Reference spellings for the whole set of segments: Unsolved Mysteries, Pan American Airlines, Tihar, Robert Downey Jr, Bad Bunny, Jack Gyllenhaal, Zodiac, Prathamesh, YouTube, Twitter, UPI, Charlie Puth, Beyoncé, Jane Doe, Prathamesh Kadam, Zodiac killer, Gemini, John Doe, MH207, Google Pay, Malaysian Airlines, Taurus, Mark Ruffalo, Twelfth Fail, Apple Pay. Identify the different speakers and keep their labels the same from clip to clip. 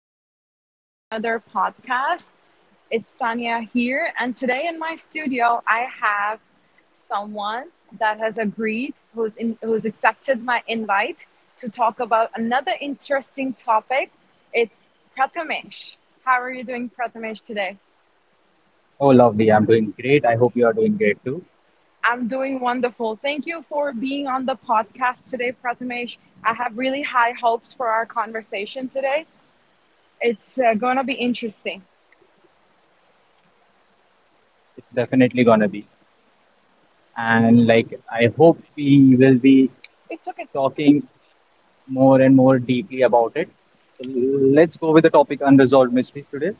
Speaker 1: and welcome to another podcast. It's Sonia here, and today in my studio, I have someone that has agreed, who's accepted my invite to talk about another interesting topic. It's Prathamesh. How are you doing, Prathamesh, today?
Speaker 2: Oh, lovely. I'm doing great. I hope you are doing great too.
Speaker 1: I'm doing wonderful. Thank you for being on the podcast today, Prathamesh. I have really high hopes for our conversation today. It's going to be interesting.
Speaker 2: It's definitely gonna be. And like, I hope we will be
Speaker 1: It's okay.
Speaker 2: talking more and more deeply about it. So let's go with the topic unresolved mysteries today.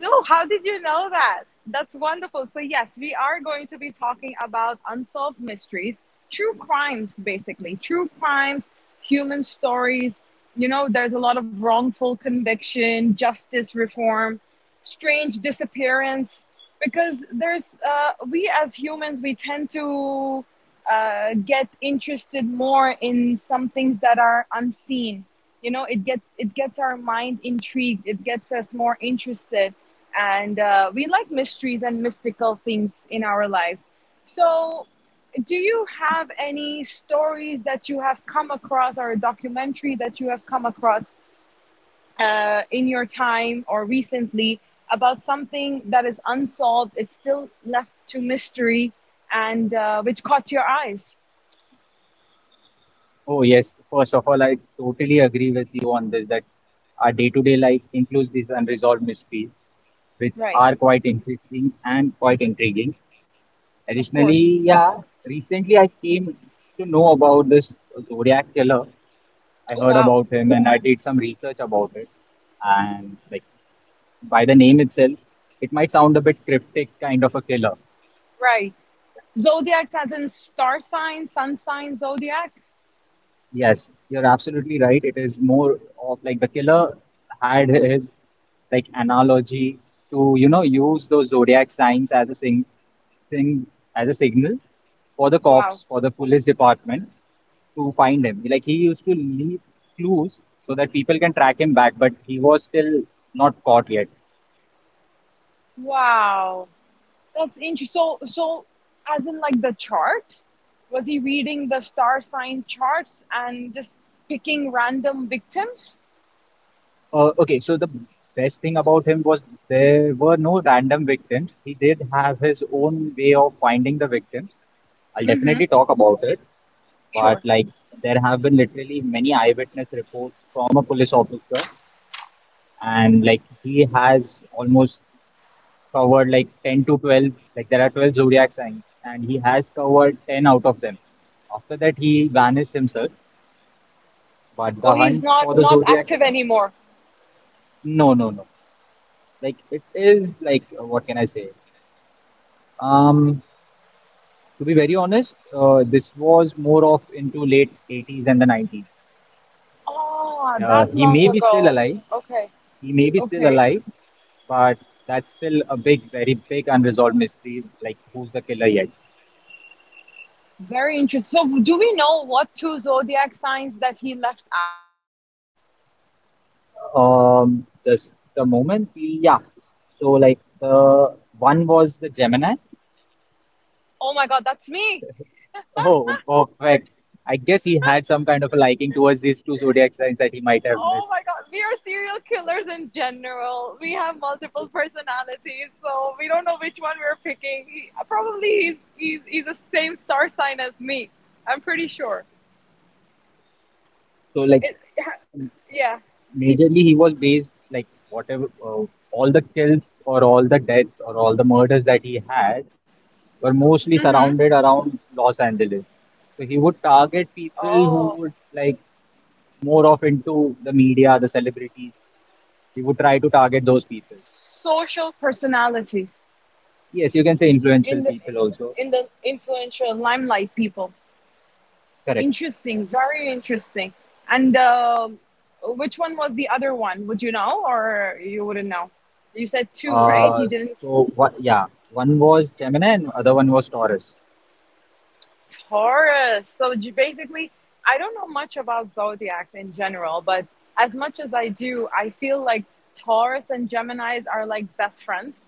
Speaker 1: No, how did you know that? That's wonderful. So, yes, we are going to be talking about unsolved mysteries, true crimes, basically, true crimes, human stories. You know, there's a lot of wrongful conviction, justice reform, strange disappearance, because there's we as humans we tend to get interested more in some things that are unseen. You know, it gets our mind intrigued, it gets us more interested, and we like mysteries and mystical things in our lives. So do you have any stories that you have come across, or a documentary that you have come across in your time or recently, about something that is unsolved? It's still left to mystery, and which caught your eyes.
Speaker 2: Oh, yes. First of all, I totally agree with you on this that our day-to-day life includes these unresolved mysteries, which
Speaker 1: Right,
Speaker 2: are quite interesting and quite intriguing.
Speaker 1: of course.
Speaker 2: Additionally, yeah, recently I came to know about this Zodiac killer. I
Speaker 1: Oh,
Speaker 2: heard
Speaker 1: wow.
Speaker 2: about him and I did some research about it. And like by the name itself, it might sound a bit cryptic, kind of a killer.
Speaker 1: Right. Zodiacs as in star sign, sun sign, zodiac.
Speaker 2: Yes, you're absolutely right. It is more of like the killer had his like analogy to, you know, use those zodiac signs as a sing thing as a signal for the
Speaker 1: Wow.
Speaker 2: cops, for the police department to find him. Like he used to leave clues so that people can track him back, but he was still not caught yet.
Speaker 1: Wow, that's interesting. So as in like the charts? Was he reading the star sign charts and just picking random victims?
Speaker 2: Okay, so the best thing about him was there were no random victims. He did have his own way of finding the victims. I'll
Speaker 1: Mm-hmm.
Speaker 2: definitely talk about it, but
Speaker 1: Sure.
Speaker 2: like there have been literally many eyewitness reports from a police officer, and like he has almost covered like 10 to 12, like there are 12 zodiac signs, and he has covered 10 out of them. After that, he vanished himself, but
Speaker 1: Oh,
Speaker 2: the
Speaker 1: he's
Speaker 2: hunt for
Speaker 1: not
Speaker 2: the
Speaker 1: not
Speaker 2: zodiac
Speaker 1: active
Speaker 2: killer,
Speaker 1: anymore.
Speaker 2: no, no, no. Like it is like what can I say? Um, to be very honest, this was more of into late 80s and the 90s.
Speaker 1: Ah, that
Speaker 2: He
Speaker 1: long
Speaker 2: may be still
Speaker 1: ago.
Speaker 2: alive.
Speaker 1: Okay,
Speaker 2: He may be still
Speaker 1: okay.
Speaker 2: alive, but that's still a big, very big unresolved mystery. Like, who's the killer yet?
Speaker 1: Very interesting. So, do we know what two zodiac signs that he left out?
Speaker 2: This the moment we yeah. So like the one was the Gemini.
Speaker 1: Oh my god, that's me!
Speaker 2: Oh, perfect. I guess he had some kind of a liking towards these two zodiac signs that he might have
Speaker 1: Oh
Speaker 2: missed.
Speaker 1: my god, we are serial killers in general. We have multiple personalities, so we don't know which one we're picking. He, probably he's the same star sign as me. I'm pretty sure.
Speaker 2: So like
Speaker 1: It, yeah.
Speaker 2: majorly he was based like whatever all the kills or all the deaths or all the murders that he had were mostly
Speaker 1: Mm-hmm.
Speaker 2: surrounded around Los Angeles. So he would target people
Speaker 1: Oh,
Speaker 2: who would like more of into the media, the celebrities. He would try to target those people.
Speaker 1: social personalities.
Speaker 2: Yes, you can say
Speaker 1: in the
Speaker 2: influential people
Speaker 1: in
Speaker 2: also.
Speaker 1: the influential limelight people.
Speaker 2: Correct.
Speaker 1: Interesting, very interesting. And um, which one was the other one? Would you know, or you wouldn't know? You said two, right?
Speaker 2: Uh,
Speaker 1: He didn't—
Speaker 2: so what? Yeah, one was Gemini and other one was Taurus.
Speaker 1: Taurus. So basically, I don't know much about zodiacs in general, but as much as I do, I feel like Taurus and Gemini's are like best friends.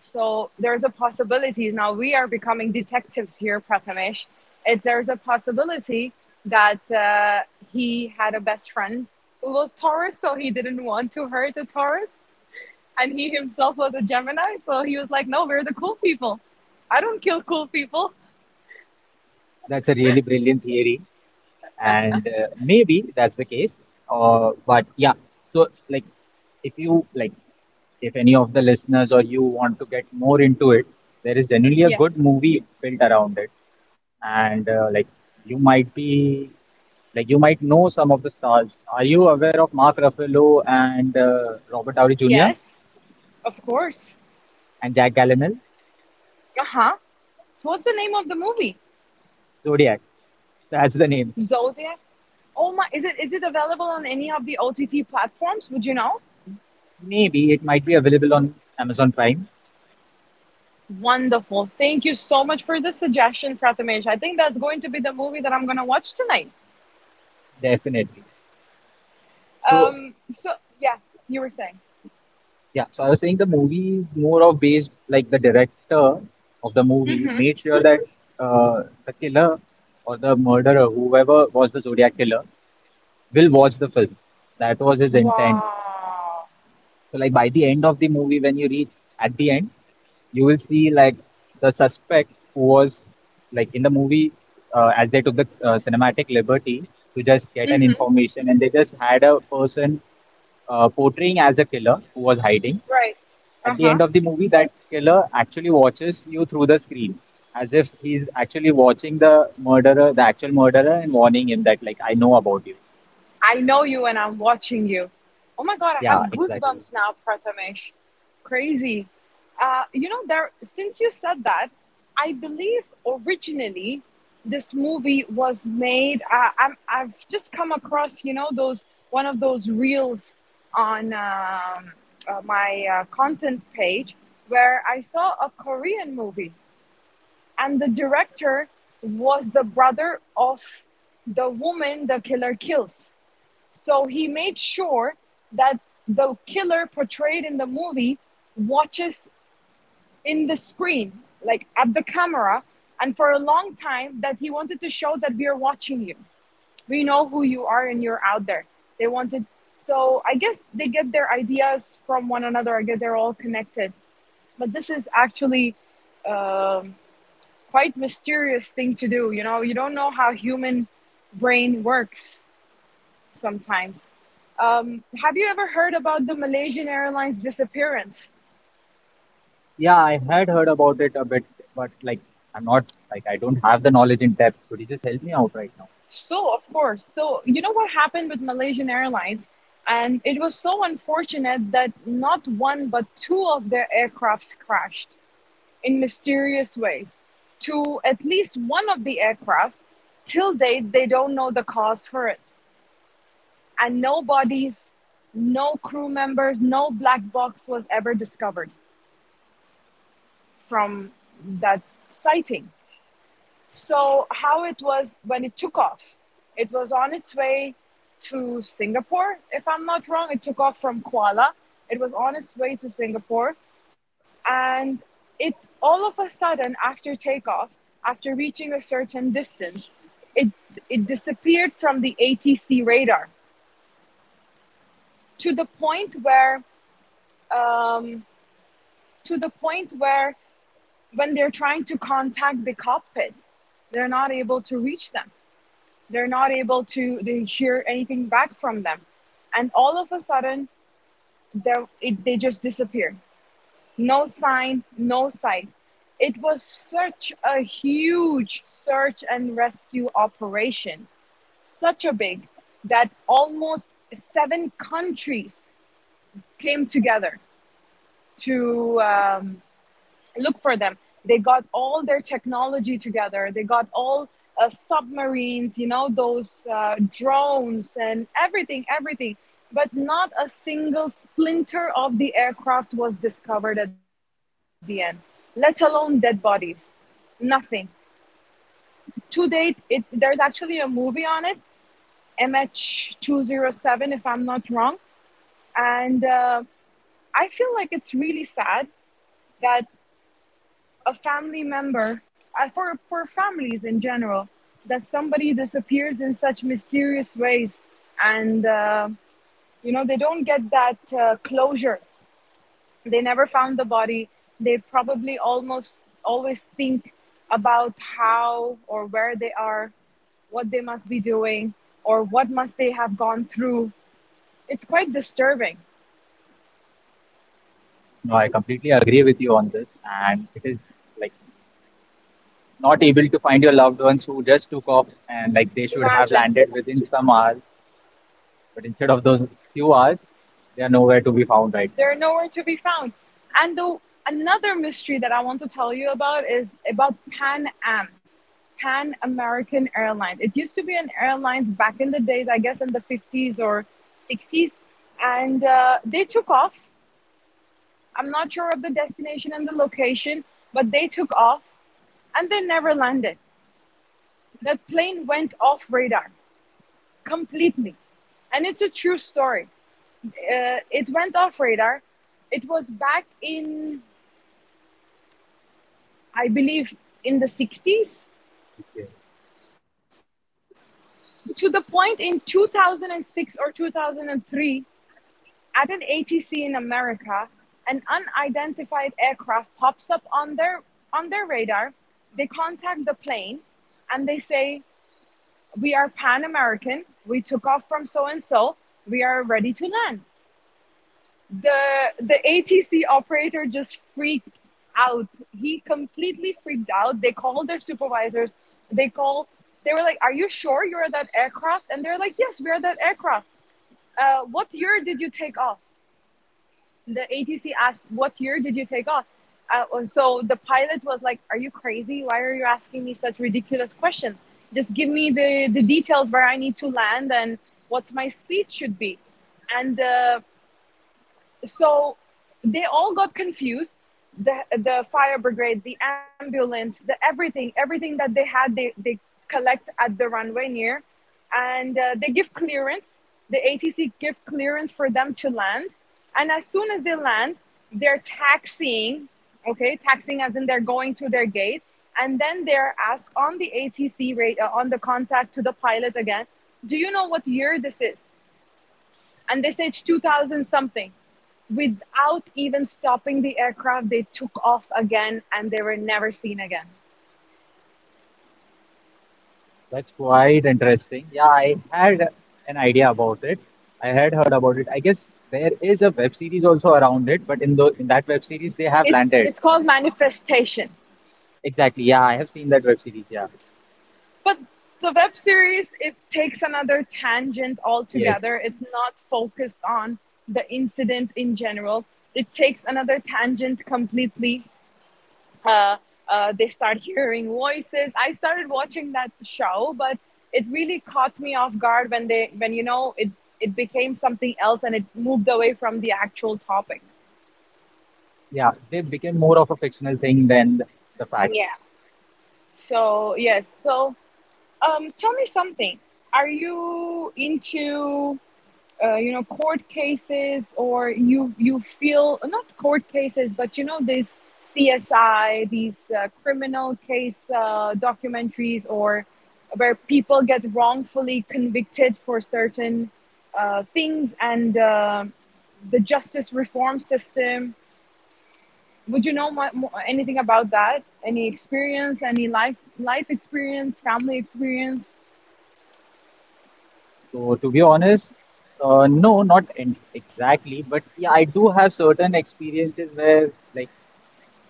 Speaker 1: So there's a possibility. Now we are becoming detectives here, Prathamesh. If there's a possibility that he had a best friend who was Taurus, so he didn't want to hurt a Taurus, and he himself was a Gemini, so he was like, "No, we're the cool people. I don't kill cool people."
Speaker 2: That's a really brilliant theory and maybe that's the case, but yeah, so like if you like, if any of the listeners or you want to get more into it, there is generally a
Speaker 1: Yes,
Speaker 2: good movie built around it, and you might be like you might know some of the stars. Are you aware of Mark Ruffalo and Robert Downey Jr.
Speaker 1: yes, of course.
Speaker 2: and Jack Gyllenhaal?
Speaker 1: Uh huh. So what's the name of the movie?
Speaker 2: Zodiac, that's the name.
Speaker 1: Zodiac. Oh my! Is it available on any of the OTT platforms? Would you know?
Speaker 2: Maybe it might be available on Amazon Prime.
Speaker 1: Wonderful. Thank you so much for the suggestion, Prathamesh. I think that's going to be the movie that I'm going to watch tonight.
Speaker 2: Definitely. So
Speaker 1: So, yeah, you were saying.
Speaker 2: yeah, so I was saying the movie is more of based like the director of the movie
Speaker 1: Hmm.
Speaker 2: made sure that the killer or the murderer, whoever was the Zodiac killer, will watch the film. That was his intent.
Speaker 1: Wow.
Speaker 2: So like by the end of the movie, when you reach at the end, you will see like the suspect who was like in the movie, as they took the cinematic liberty to just get an
Speaker 1: Hmm.
Speaker 2: information and they just had a person portraying as a killer who was hiding.
Speaker 1: Right.
Speaker 2: At
Speaker 1: Uh
Speaker 2: the
Speaker 1: huh.
Speaker 2: end of the movie, that killer actually watches you through the screen, as if he's actually watching the murderer, the actual murderer, and warning him that, like, I know about you.
Speaker 1: I know you and I'm watching you. Oh my God, I have
Speaker 2: Yeah, exactly.
Speaker 1: goosebumps now, Prathamesh. Crazy. You know, there. Since you said that, I believe originally this movie was made. I've just come across, you know, those one of those reels on my content page, where I saw a Korean movie, and the director was the brother of the woman the killer kills. So he made sure that the killer portrayed in the movie watches in the screen, like at the camera, and for a long time, that he wanted to show that we are watching you. We know who you are and you're out there. They wanted— so I guess they get their ideas from one another. I guess they're all connected. But this is actually um, quite mysterious thing to do. You know, you don't know how human brain works sometimes. Have you ever heard about the Malaysian Airlines disappearance?
Speaker 2: Yeah, I had heard about it a bit, but like, I'm not, like, I don't have the knowledge in depth. Could you just help me out right now?
Speaker 1: So, of course. So, you know what happened with Malaysian Airlines? And it was so unfortunate that not one but two of their aircrafts crashed in mysterious ways. To at least one of the aircraft, till date, they don't know the cause for it. And no bodies, no crew members, no black box was ever discovered from that sighting. So, how it was when it took off? It was on its way to Singapore, if I'm not wrong. It took off from Kuala. It was on its way to Singapore, and it all of a sudden, after takeoff, after reaching a certain distance, it it disappeared from the ATC radar, to the point where um, to the point where when they're trying to contact the cockpit, they're not able to reach them, they're not able to they hear anything back from them, and all of a sudden they they just disappear. No sign, no sight. It was such a huge search and rescue operation, such a big, that almost seven countries came together to look for them. They got all their technology together. They got all submarines, you know, those drones and everything, everything. But not a single splinter of the aircraft was discovered at the end, let alone dead bodies. Nothing. To date, there's actually a movie on it, MH207, if I'm not wrong. And I feel like it's really sad that a family member, for families in general, that somebody disappears in such mysterious ways, and, you know, they don't get that closure. They never found the body. They probably almost always think about how or where they are, what they must be doing, or what must they have gone through. It's quite disturbing.
Speaker 2: No, I completely agree with you on this, and it is like not able to find your loved ones who just took off and like they should have
Speaker 1: Imagine—
Speaker 2: landed within some hours, but instead of those few hours, they are nowhere to be found right now.
Speaker 1: They're nowhere to be found. And the, Another mystery that I want to tell you about is about Pan Am, Pan American Airlines. It used to be an airline back in the days, I guess in the 50s or 60s, and they took off. I'm not sure of the destination and the location, but they took off and they never landed. That plane went off radar completely, and it's a true story. It went off radar. It was back in, I believe, in the 60s, to the point in 2006 or 2003, at an ATC in America, an unidentified aircraft pops up on their radar. They contact the plane and they say, "We are Pan American. We took off from so and so. We are ready to land." The ATC operator just freaked out. He completely freaked out. They called their supervisors. They call. They were like, "Are you sure you're that aircraft?" And they're like, "Yes, we're that aircraft." What year did you take off? The ATC asked, "What year did you take off?" So the pilot was like, "Are you crazy? Why are you asking me such ridiculous questions? Just give me the details where I need to land and what my speed should be." And so they all got confused. The fire brigade, the ambulance, the everything, everything that they had, they collect at the runway near, and they give clearance, the ATC give clearance for them to land. And as soon as they land, they're taxiing, okay, taxiing as in they're going to their gate, and then they're asked on the ATC rate, on the contact to the pilot again, do you know what year this is? And they say it's 2000 something. Without even stopping the aircraft, they took off again and they were never seen again.
Speaker 2: That's quite interesting. Yeah, I had an idea about it. I had heard about it. I guess there is a web series also around it, but in the in that web series they have
Speaker 1: it's
Speaker 2: landed.
Speaker 1: it's called Manifestation.
Speaker 2: Exactly. Yeah, I have seen that web series. Yeah.
Speaker 1: But the web series, it takes another tangent
Speaker 2: Yes.
Speaker 1: altogether. It's not focused on the incident in general, it takes another tangent completely. uh, they start hearing voices. I started watching that show, but it really caught me off guard when they when you know, it became something else and it moved away from the actual topic.
Speaker 2: Yeah, they became more of a fictional thing than the facts.
Speaker 1: So yes, so tell me something. Are you into you know, court cases? Or you feel, not court cases, but you know, these CSI, these criminal case documentaries, or where people get wrongfully convicted for certain things, and the justice reform system, would you know anything about that? Any experience, any life experience, family experience,
Speaker 2: So to be honest, no, not en exactly, but yeah, I do have certain experiences where like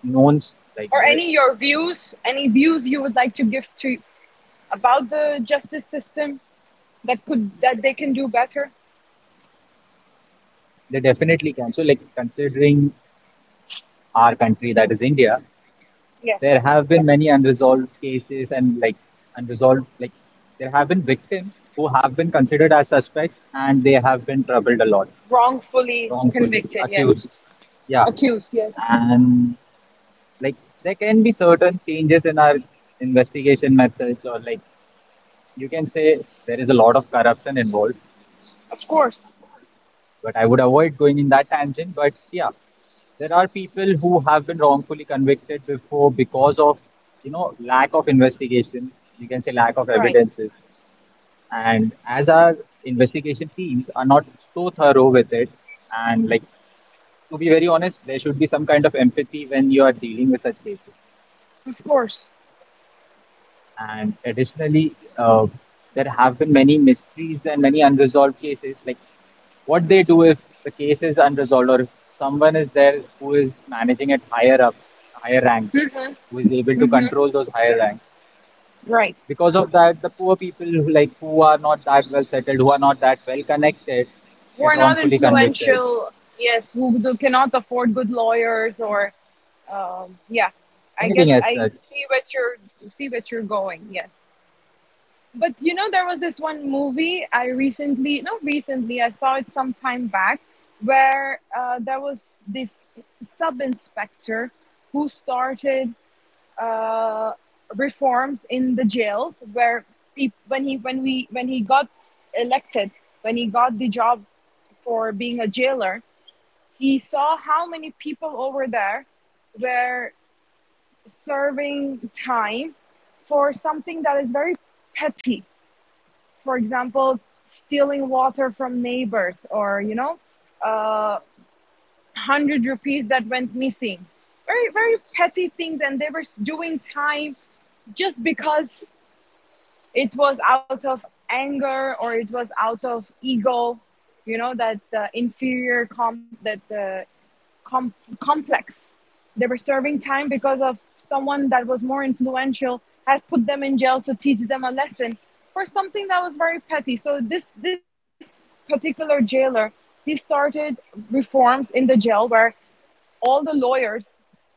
Speaker 2: knowns like
Speaker 1: or any your views, any views you would like to give to about the justice system, that could that they can do better?
Speaker 2: they definitely can. So like considering our country that is India. There
Speaker 1: Yes.
Speaker 2: have been many unresolved cases and like unresolved, like there have been victims who have been considered as suspects and they have been troubled a lot,
Speaker 1: Wrongfully
Speaker 2: wrongfully
Speaker 1: convicted, yes.
Speaker 2: accused. Yeah.
Speaker 1: Accused, yes.
Speaker 2: And like there can be certain changes in our investigation methods, or like you can say there is a lot of corruption involved.
Speaker 1: Of course.
Speaker 2: But I would avoid going in that tangent. But yeah, there are people who have been wrongfully convicted before because of, you know, lack of investigation, you can say lack of
Speaker 1: Right.
Speaker 2: evidences, and as our investigation teams are not so thorough with it, and like to be very honest, there should be some kind of empathy when you are dealing with such cases.
Speaker 1: Of course.
Speaker 2: And additionally, there have been many mysteries and many unresolved cases. Like what they do if the case is unresolved, or if someone is there who is managing at higher ups, higher ranks, who is able to
Speaker 1: Hmm.
Speaker 2: control those higher ranks.
Speaker 1: Right.
Speaker 2: Because of that, the poor people who like who are not that well settled, who are not that well connected,
Speaker 1: Who
Speaker 2: get
Speaker 1: are not
Speaker 2: wrongfully convicted.
Speaker 1: influential, yes, who do, cannot afford good lawyers or yeah. I get
Speaker 2: Anything as
Speaker 1: I
Speaker 2: such.
Speaker 1: see what you're, see what you're going, yes. But you know, there was this one movie I recently, not recently, I saw it some time back, where there was this sub inspector who started uh, reforms in the jails where peop when he when we when he got elected, when he got the job for being a jailer. He saw how many people over there were serving time for something that is very petty, for example, stealing water from neighbors or, you know, uh, 100 rupees that went missing. Very, very petty things, and they were doing time just because it was out of anger or it was out of ego, you know, that inferior comp that com- complex. They were serving time because of someone that was more influential, has put them in jail to teach them a lesson for something that was very petty. So this particular jailer, he started reforms in the jail where all the lawyers,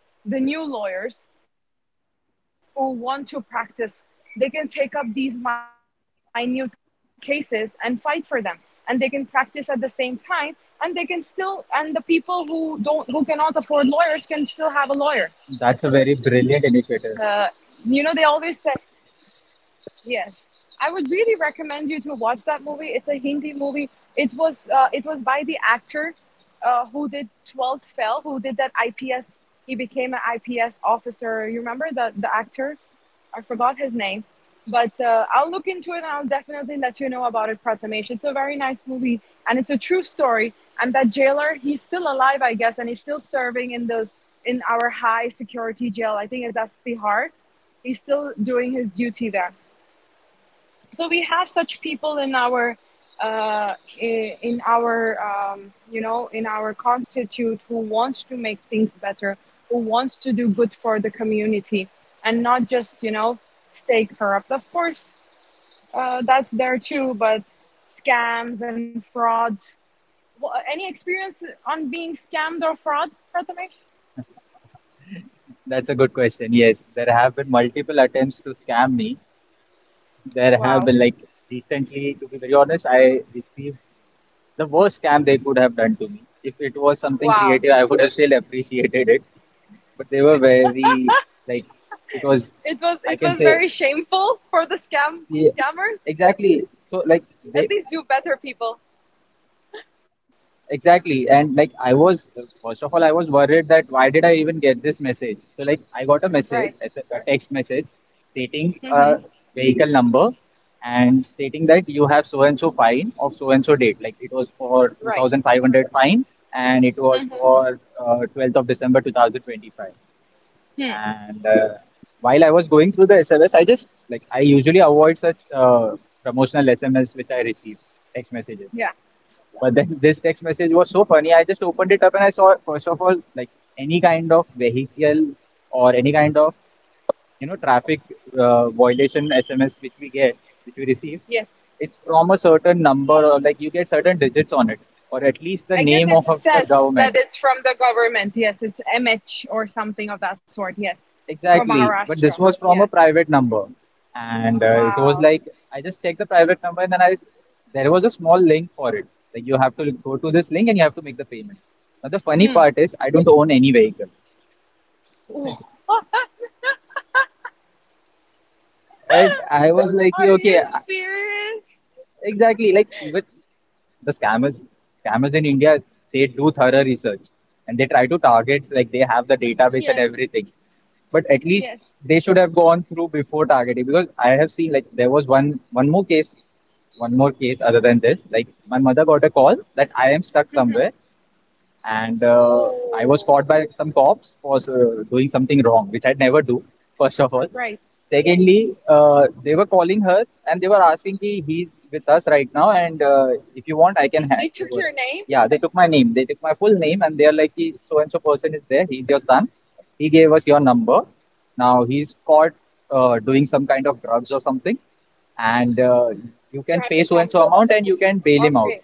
Speaker 1: the new lawyers who want to practice, they can take up these minute cases and fight for them, and they can practice at the same time, and they can still and the people who don't, who cannot afford lawyers can still have a lawyer. uh,
Speaker 2: That's
Speaker 1: you
Speaker 2: a
Speaker 1: know, they
Speaker 2: very
Speaker 1: always
Speaker 2: brilliant
Speaker 1: say.
Speaker 2: initiative.
Speaker 1: Yes, I would really recommend you to watch that movie. It's a Hindi movie. It was by the actor who did Twelfth Fail, who did that IPS. He became an IPS officer. You remember the actor? I forgot his name. But I'll look into it and I'll definitely let you know about it, Prathamesh. It's a very nice movie and it's a true story. And that jailer, he's still alive, I guess, and he's still serving in those, in our high security jail. I think that's Tihar. He's still doing his duty there. So we have such people in our uh, in our you know, in our constitute, who wants to make things better, who wants to do good for the community, and not just, you know, stay corrupt, of course. That's there too. But scams and frauds, Wha any experience on being scammed or fraud, Prathamesh?
Speaker 2: That's a good question. Yes, there have been multiple attempts to scam me. There have been
Speaker 1: Wow.
Speaker 2: like recently, to be very honest, I received the worst scam they could have done to me. If it was something
Speaker 1: Wow.
Speaker 2: creative, I would have still appreciated it. But they were very, like, it was,
Speaker 1: It was,
Speaker 2: I
Speaker 1: it
Speaker 2: can
Speaker 1: was
Speaker 2: say,
Speaker 1: very shameful for the scam,
Speaker 2: yeah,
Speaker 1: scammers.
Speaker 2: exactly. So like
Speaker 1: At
Speaker 2: they
Speaker 1: least do better, people.
Speaker 2: exactly. And like I was, first of all, I was worried that why did I even get this message? So like I got a
Speaker 1: Right.
Speaker 2: message, as a text message stating
Speaker 1: Mm-hmm.
Speaker 2: a vehicle number and stating that you have so and so fine of so and so date. Like it was for
Speaker 1: Right.
Speaker 2: 2,500 fine and it was
Speaker 1: Mm-hmm.
Speaker 2: for 12th of December 2025.
Speaker 1: Hmm.
Speaker 2: And while I was going through the SMS, I just like I usually avoid such promotional SMS which I receive, text messages.
Speaker 1: Yeah.
Speaker 2: But then this text message was so funny. I just opened it up and I saw, first of all, like any kind of vehicle or any kind of, you know, traffic violation SMS which we get, which we receive,
Speaker 1: Yes.
Speaker 2: it's from a certain number or like you get certain digits on it, or at least the
Speaker 1: I guess
Speaker 2: name
Speaker 1: it
Speaker 2: of the
Speaker 1: says that
Speaker 2: government.
Speaker 1: it's from the government. Yes, it's MH or something of that sort. Yes. For
Speaker 2: Exactly. But
Speaker 1: Maharashtra.
Speaker 2: this was
Speaker 1: Yeah.
Speaker 2: from a private number. And it was
Speaker 1: Wow.
Speaker 2: like, I just checked the private number, and then there was a small link for it. Like you have to go to this link and you have to make the payment. Now the funny
Speaker 1: Hmm.
Speaker 2: part is I don't own any vehicle.
Speaker 1: Wha-
Speaker 2: And I was like, "Yeah,
Speaker 1: Are
Speaker 2: okay.
Speaker 1: you serious?
Speaker 2: Exactly. Like even the scammers, scammers in India, they do thorough research and they try to target, like they have the database and
Speaker 1: Yes.
Speaker 2: everything. But at least
Speaker 1: Yes.
Speaker 2: they should have gone through before targeting because I have seen, like, there was one more case, one more case other than this. Like my mother got a call that I am stuck
Speaker 1: Mm-hmm.
Speaker 2: somewhere and I was
Speaker 1: Oh,
Speaker 2: caught by some cops for doing something wrong, which I'd never do, first of all.
Speaker 1: right.
Speaker 2: Secondly, they were calling her and they were asking ki he's with us right now, and if you want, I can hand
Speaker 1: They
Speaker 2: you
Speaker 1: took
Speaker 2: over.
Speaker 1: your name.
Speaker 2: Yeah, they took my name. They took my full name and they are like, "Ki, so and so person is there. He's your son. He gave us your number. Now he's caught doing some kind of drugs or something, and you
Speaker 1: You
Speaker 2: can
Speaker 1: have
Speaker 2: pay
Speaker 1: to
Speaker 2: so
Speaker 1: come
Speaker 2: and so amount and you can bail
Speaker 1: or
Speaker 2: him out.
Speaker 1: pay.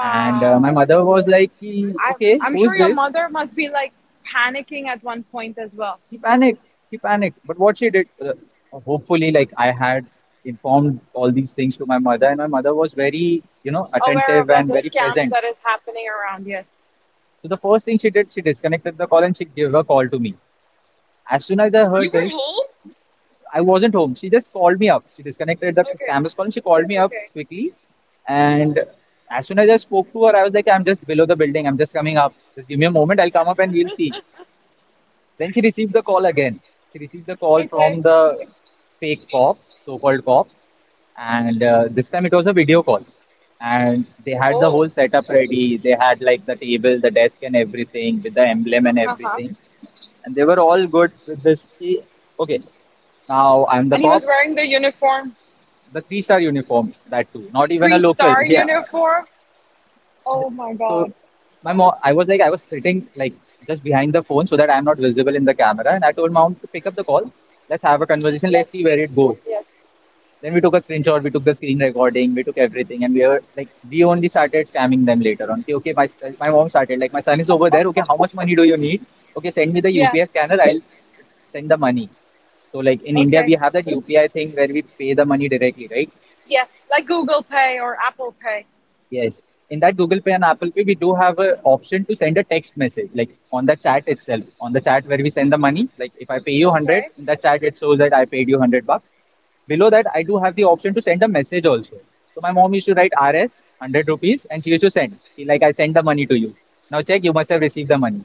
Speaker 2: And my mother was like, "Ki,
Speaker 1: I,
Speaker 2: okay,
Speaker 1: I'm
Speaker 2: who is
Speaker 1: sure your
Speaker 2: this?
Speaker 1: mother must be like panicking at one point as well.
Speaker 2: She panicked. She panicked. But what she did, hopefully, like I had informed all these things to my mother, and my mother was very, you know,
Speaker 1: Aware
Speaker 2: attentive
Speaker 1: about
Speaker 2: and
Speaker 1: the
Speaker 2: very
Speaker 1: scams
Speaker 2: present.
Speaker 1: that is happening around. Yes.
Speaker 2: So the first thing she did, she disconnected the call and she gave a call to me. As soon as I heard
Speaker 1: You were
Speaker 2: this,
Speaker 1: home?
Speaker 2: I wasn't home. She just called me up. She disconnected the
Speaker 1: Okay.
Speaker 2: scammer's call and she called me up
Speaker 1: Okay.
Speaker 2: quickly. And as soon as I spoke to her, I was like, I'm just below the building. I'm just coming up. Just give me a moment. I'll come up and we'll see. Then she received the call again. She received the call
Speaker 1: Okay.
Speaker 2: from the fake cop, so-called cop, and this time it was a video call. And they had the
Speaker 1: Oh.
Speaker 2: whole setup ready. They had like the table, the desk, and everything with the emblem and
Speaker 1: Uh huh.
Speaker 2: everything. And they were all good with this. Key. Okay, now I'm the
Speaker 1: And he
Speaker 2: cop,
Speaker 1: was wearing the uniform,
Speaker 2: the three-star uniform, that too. Not even a
Speaker 1: three
Speaker 2: local.
Speaker 1: star
Speaker 2: Yeah,
Speaker 1: uniform. Oh my God.
Speaker 2: so my mom, I was sitting like just behind the phone so that I'm not visible in the camera. And I told mom to pick up the call. Let's have a conversation. Let's
Speaker 1: Let's
Speaker 2: see where
Speaker 1: see.
Speaker 2: it goes.
Speaker 1: Yes.
Speaker 2: Then we took a screenshot. We took the screen recording. We took everything, and we were like, we only started scamming them later on. Okay, okay. My mom started like, my son is over there. Okay, how much money do you need? Okay, send me the
Speaker 1: Yeah.
Speaker 2: UPI scanner. I'll send the money. So like in India,
Speaker 1: Okay.
Speaker 2: we have that UPI thing where we pay the money directly, right?
Speaker 1: Yes, like Google Pay or Apple Pay.
Speaker 2: Yes. In that Google Pay and Apple Pay, we do have an option to send a text message, like on the chat itself, on the chat where we send the money. Like if I pay you 100,
Speaker 1: Okay.
Speaker 2: in the chat it shows that I paid you 100 bucks. Below that, I do have the option to send a message also. So my mom used to write ₹100 and she used to send, she like I send the money to you. Now check, you must have received the money.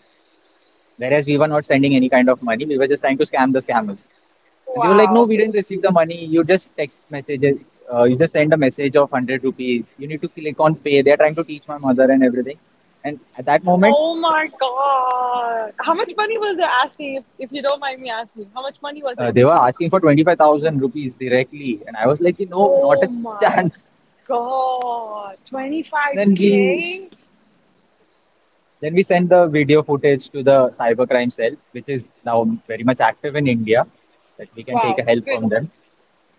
Speaker 2: Whereas we were not sending any kind of money, we were just trying to scam the scammers. And they were like, no,
Speaker 1: Wow.
Speaker 2: we didn't receive the money. You just text messages. You just send a message of 100 rupees. You need to click on pay. They're trying to teach my mother and everything. And at that moment,
Speaker 1: Oh my God. How much money was they asking, if you don't mind me asking? How much money was it?
Speaker 2: they were asking for 25,000 rupees directly. And I was like, you know, not
Speaker 1: Oh
Speaker 2: a
Speaker 1: my
Speaker 2: chance.
Speaker 1: God.
Speaker 2: Then we
Speaker 1: 25K?
Speaker 2: then we sent the video footage to the cybercrime cell, which is now very much active in India, that we can take
Speaker 1: Wow,
Speaker 2: a help
Speaker 1: good.
Speaker 2: from them.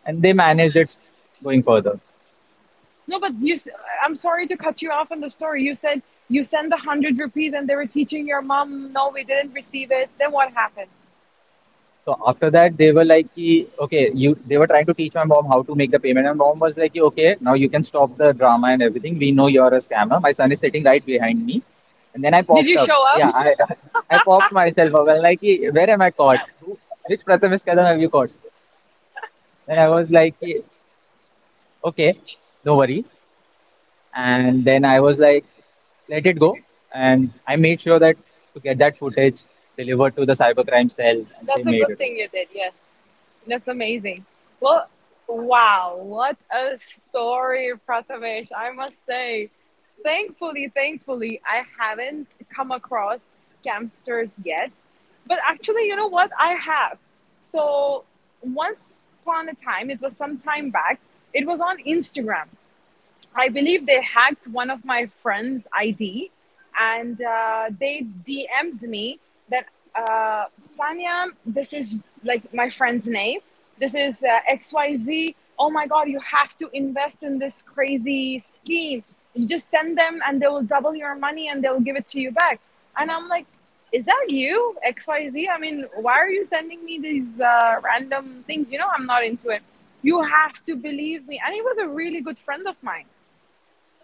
Speaker 2: And they managed it going further.
Speaker 1: No, but you, I'm sorry to cut you off on the story. You said you sent the hundred rupees and they were teaching your mom, no, we didn't receive it. Then what happened?
Speaker 2: So after that, they were like, "Ki, okay, you." They were trying to teach my mom how to make the payment, and mom was like, "Ki, okay, now you can stop the drama and everything. We know you're a scammer. My son is sitting right behind me," and then I
Speaker 1: Did
Speaker 2: popped
Speaker 1: you
Speaker 2: up.
Speaker 1: show up?
Speaker 2: I popped myself up. I'm like, "Ki, where am I caught? Who, which Prathamesh Kadam have you caught?" Then I was like, "Ki, okay, no worries." And then I was like, let it go. And I made sure that to get that footage delivered to the cybercrime cell, and they
Speaker 1: That's a
Speaker 2: made
Speaker 1: good
Speaker 2: it
Speaker 1: thing
Speaker 2: over.
Speaker 1: you did. Yes. That's amazing. Well, wow, what a story, Prathamesh. I must say, thankfully, thankfully, I haven't come across scamsters yet. But actually, you know what? I have. So once upon a time, it was some time back, it was on Instagram. I believe they hacked one of my friend's ID and they DM'd me that, Sanya, this is like my friend's name. This is XYZ. Oh my God, you have to invest in this crazy scheme. You just send them and they will double your money and they will give it to you back. And I'm like, is that you, XYZ? I mean, why are you sending me these random things? You know, I'm not into it. You have to believe me. And he was a really good friend of mine,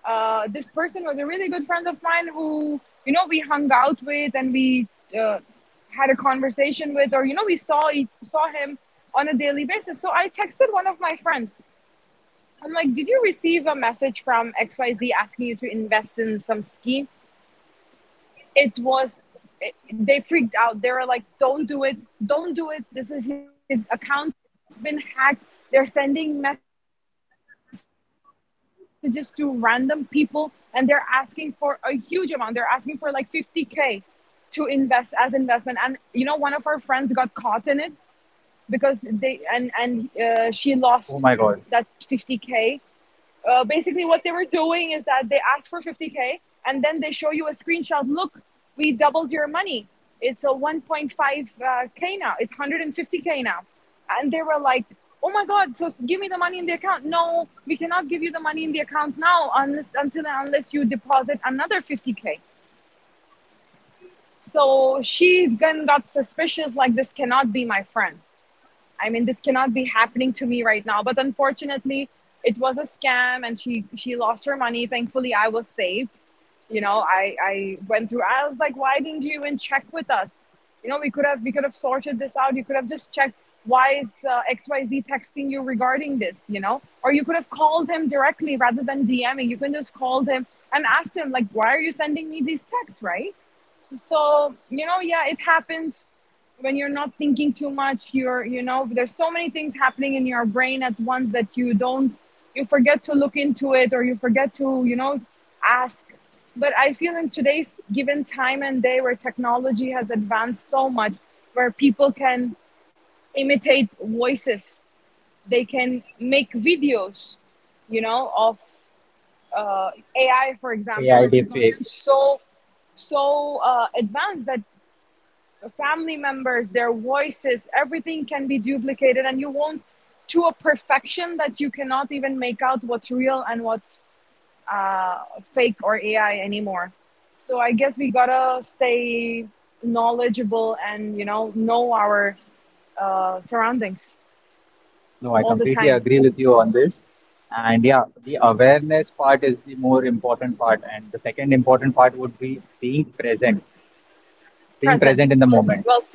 Speaker 1: this person was a really good friend of mine who, you know, we hung out with and we uh, had a conversation with, or you know, we saw saw him on a daily basis. So I texted one of my friends, I'm like, did you receive a message from XYZ asking you to invest in some scheme? it was they freaked out. They were like, don't do it, don't do it, this is, his account's been hacked. They're sending messages to random people and they're asking for a huge amount. They're asking for like 50k to invest as investment, and you know, one of our friends got caught in it because they, and she lost that 50k.
Speaker 2: Oh my God,
Speaker 1: Basically, what they were doing is that they asked for 50K and then they show you a screenshot. Look, we doubled your money. It's a 1.5K now, it's 150K now. And they were like, oh my God, so give me the money in the account. No, we cannot give you the money in the account now unless, until unless you deposit another 50K. So she then got suspicious, like, this cannot be my friend. I mean, this cannot be happening to me right now. But unfortunately, it was a scam, and she lost her money. Thankfully, I was saved. You know, I went through. I was like, why didn't you even check with us? You know, we could have sorted this out. You could have just checked. Why is XYZ texting you regarding this? You know, or you could have called him directly rather than DMing. You can just call him and ask him like, why are you sending me these texts, right? So you know, yeah, it happens when you're not thinking too much, you're, you know, there's so many things happening in your brain at once that you don't, you forget to look into it or you forget to, you know, ask. But I feel in today's given time and day where technology has advanced so much, where people can imitate voices, they can make videos, you know, of uh, AI, for example.
Speaker 2: AI
Speaker 1: It's gotten
Speaker 2: deepfakes.
Speaker 1: so, so advanced that family members, their voices, everything can be duplicated, and you won't, to a perfection that you cannot even make out what's real and what's uh, fake or AI anymore. So I guess we gotta stay knowledgeable and you know our surroundings
Speaker 2: No, I
Speaker 1: all the
Speaker 2: completely
Speaker 1: time,
Speaker 2: agree with you on this. And yeah, the awareness part is the more important part. And the second important part would be being
Speaker 1: present.
Speaker 2: present in the moment.
Speaker 1: Well said.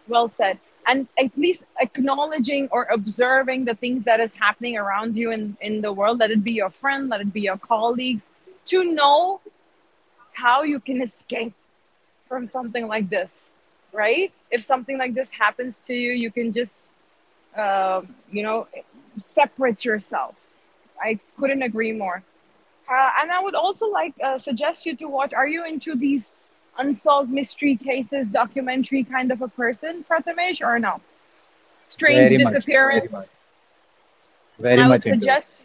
Speaker 1: Well said. And at least acknowledging or observing the things that is happening around you in the world, let it be your friend, let it be your colleague, to know how you can escape from something like this, right? If something like this happens to you, you can just, uh, you know, separate yourself. I couldn't agree more. And I would also like suggest you to watch. Are you into these unsolved mystery cases, documentary kind of a person, Prathamesh, or no? Strange
Speaker 2: Very much, very
Speaker 1: disappearance,
Speaker 2: much, very
Speaker 1: I would
Speaker 2: much into it.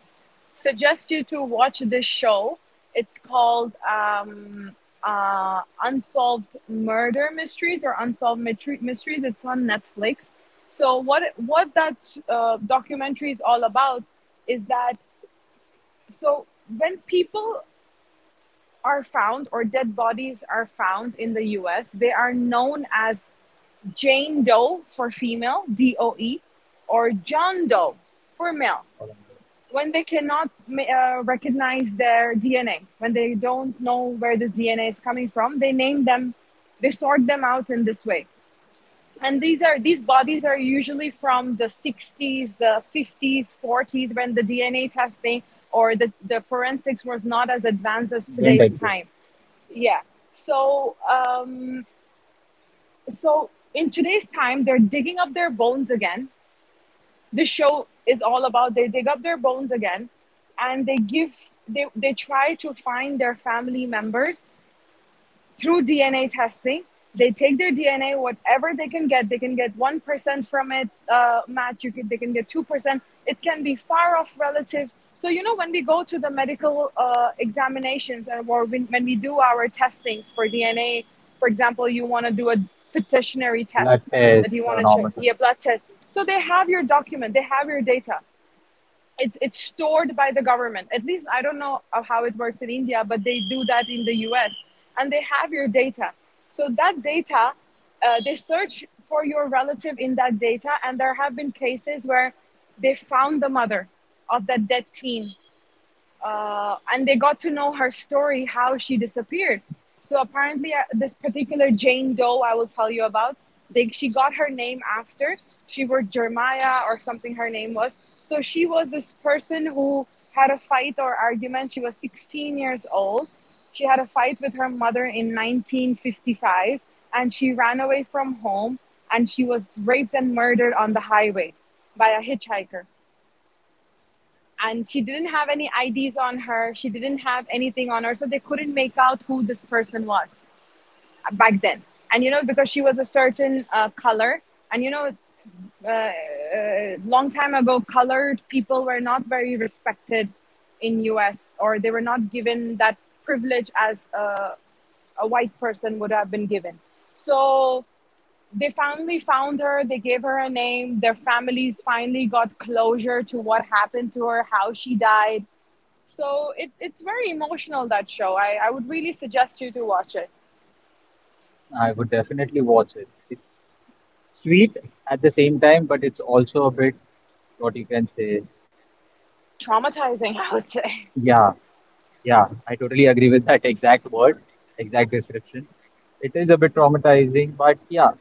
Speaker 1: suggest you to watch this show. It's called Unsolved Murder Mysteries or Unsolved Mysteries. It's on Netflix. So what that documentary is all about is that, so when people are found or dead bodies are found in the U.S., they are known as Jane Doe for female, DOE, or John Doe for male, when they cannot recognize their DNA, when they don't know where this DNA is coming from, they name them, they sort them out in this way. And these are, these bodies are usually from the 60s, the 50s, 40s, when the DNA testing or the forensics was not as advanced as
Speaker 2: Don't
Speaker 1: today's
Speaker 2: exist.
Speaker 1: time. Yeah. So so in today's time, they're digging up their bones again. The show is all about, they dig up their bones again and they give, they try to find their family members through DNA testing. They take their DNA, whatever they can get. They can get 1% from it, match. You can, they can get 2%. It can be far off relative. So you know, when we go to the medical examinations and or when we do our testings for DNA, for example, you want to do a petitionary test
Speaker 2: Blood
Speaker 1: that
Speaker 2: test,
Speaker 1: you
Speaker 2: the
Speaker 1: want to check,
Speaker 2: normal.
Speaker 1: yeah, blood test. So they have your document, they have your data, it's stored by the government. At least I don't know of how it works in India, but they do that in the U.S. and they have your data. So that data, they search for your relative in that data, and there have been cases where they found the mother of that dead teen, and they got to know her story, how she disappeared. So apparently, this particular Jane Doe I will tell you about, they, she got her name after, she was Jeremiah or something. Her name was. So she was this person who had a fight or argument. She was 16 years old. She had a fight with her mother in 1955, and she ran away from home, and she was raped and murdered on the highway by a hitchhiker, and she didn't have any IDs on her. She didn't have anything on her, so they couldn't make out who this person was back then. And you know, because she was a certain color, and you know, long time ago, colored people were not very respected in U.S. or they were not given that privilege as a white person would have been given. So they finally found her. They gave her a name. Their families finally got closure to what happened to her, how she died. So it's very emotional, that show. I would really suggest you to watch it.
Speaker 2: I would definitely watch it. It's sweet at the same time, but it's also a bit what you can say.
Speaker 1: Traumatizing, I would say.
Speaker 2: Yeah, yeah, I totally agree with that exact word, exact description. It is a bit traumatizing, but yeah.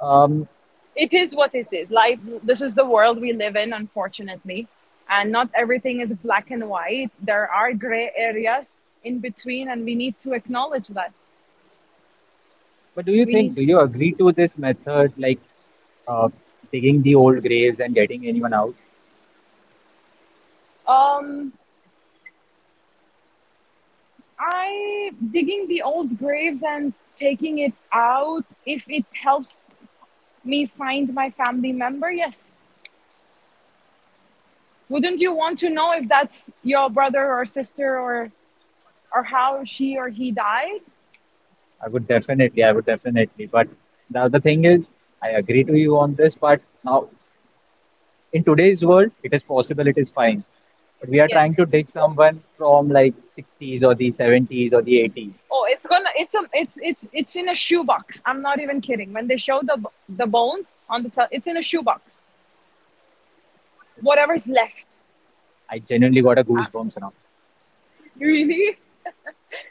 Speaker 2: Um,
Speaker 1: It is what this is. Life, this is the world we live in, unfortunately. And not everything is black and white. There are gray areas in between, and we need to acknowledge that.
Speaker 2: But do you
Speaker 1: We need,
Speaker 2: think, do you agree to this method, like uh, digging the old graves and getting anyone out?
Speaker 1: um, I, digging the old graves and taking it out, if it helps me find my family member, yes. Wouldn't you want to know if that's your brother or sister or how she or he died?
Speaker 2: I would definitely, I would definitely. But the other thing is, I agree to you on this, but now in today's world, it is possible, it is fine. But we are trying
Speaker 1: Yes.
Speaker 2: to dig someone from like 60s or the 70s or the 80s.
Speaker 1: Oh, it's gonna, it's a, it's it's in a shoebox. I'm not even kidding. When they show the bones on the it's in a shoebox. Whatever's left.
Speaker 2: I genuinely got a goosebumps now.
Speaker 1: Really?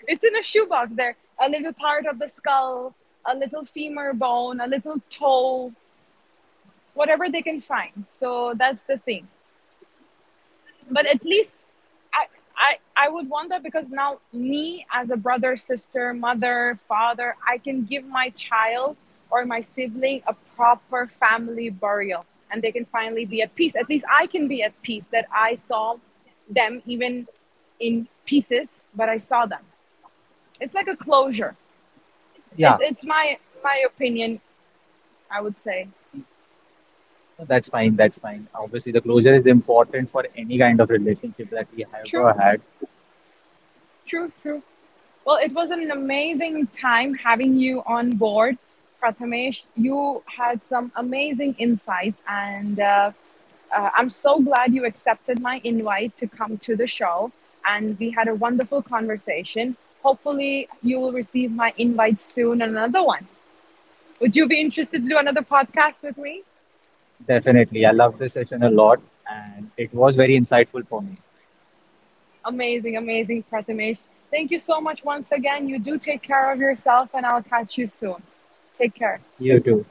Speaker 1: It's in a shoebox there. A little part of the skull, a little femur bone, a little toe, whatever they can find. So that's the thing. But at least I, I I would want that because now me as a brother, sister, mother, father, I can give my child or my sibling a proper family burial, and they can finally be at peace. At least I can be at peace that I saw them even in pieces, but I saw them. It's like a closure.
Speaker 2: Yeah,
Speaker 1: It's my my opinion. I would say,
Speaker 2: no, that's fine, that's fine. Obviously, the closure is important for any kind of relationship that we have
Speaker 1: true,
Speaker 2: ever had.
Speaker 1: true, true. Well, it was an amazing time having you on board, Prathamesh. You had some amazing insights, and I'm so glad you accepted my invite to come to the show. And we had a wonderful conversation. Hopefully, you will receive my invite soon, another one. Would you be interested to do another podcast with me?
Speaker 2: Definitely. I loved this session a lot and it was very insightful for me.
Speaker 1: Amazing, amazing, Prathamesh. Thank you so much once again. You do take care of yourself, and I'll catch you soon. Take care.
Speaker 2: You too.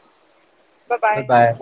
Speaker 1: Bye bye.
Speaker 2: Goodbye.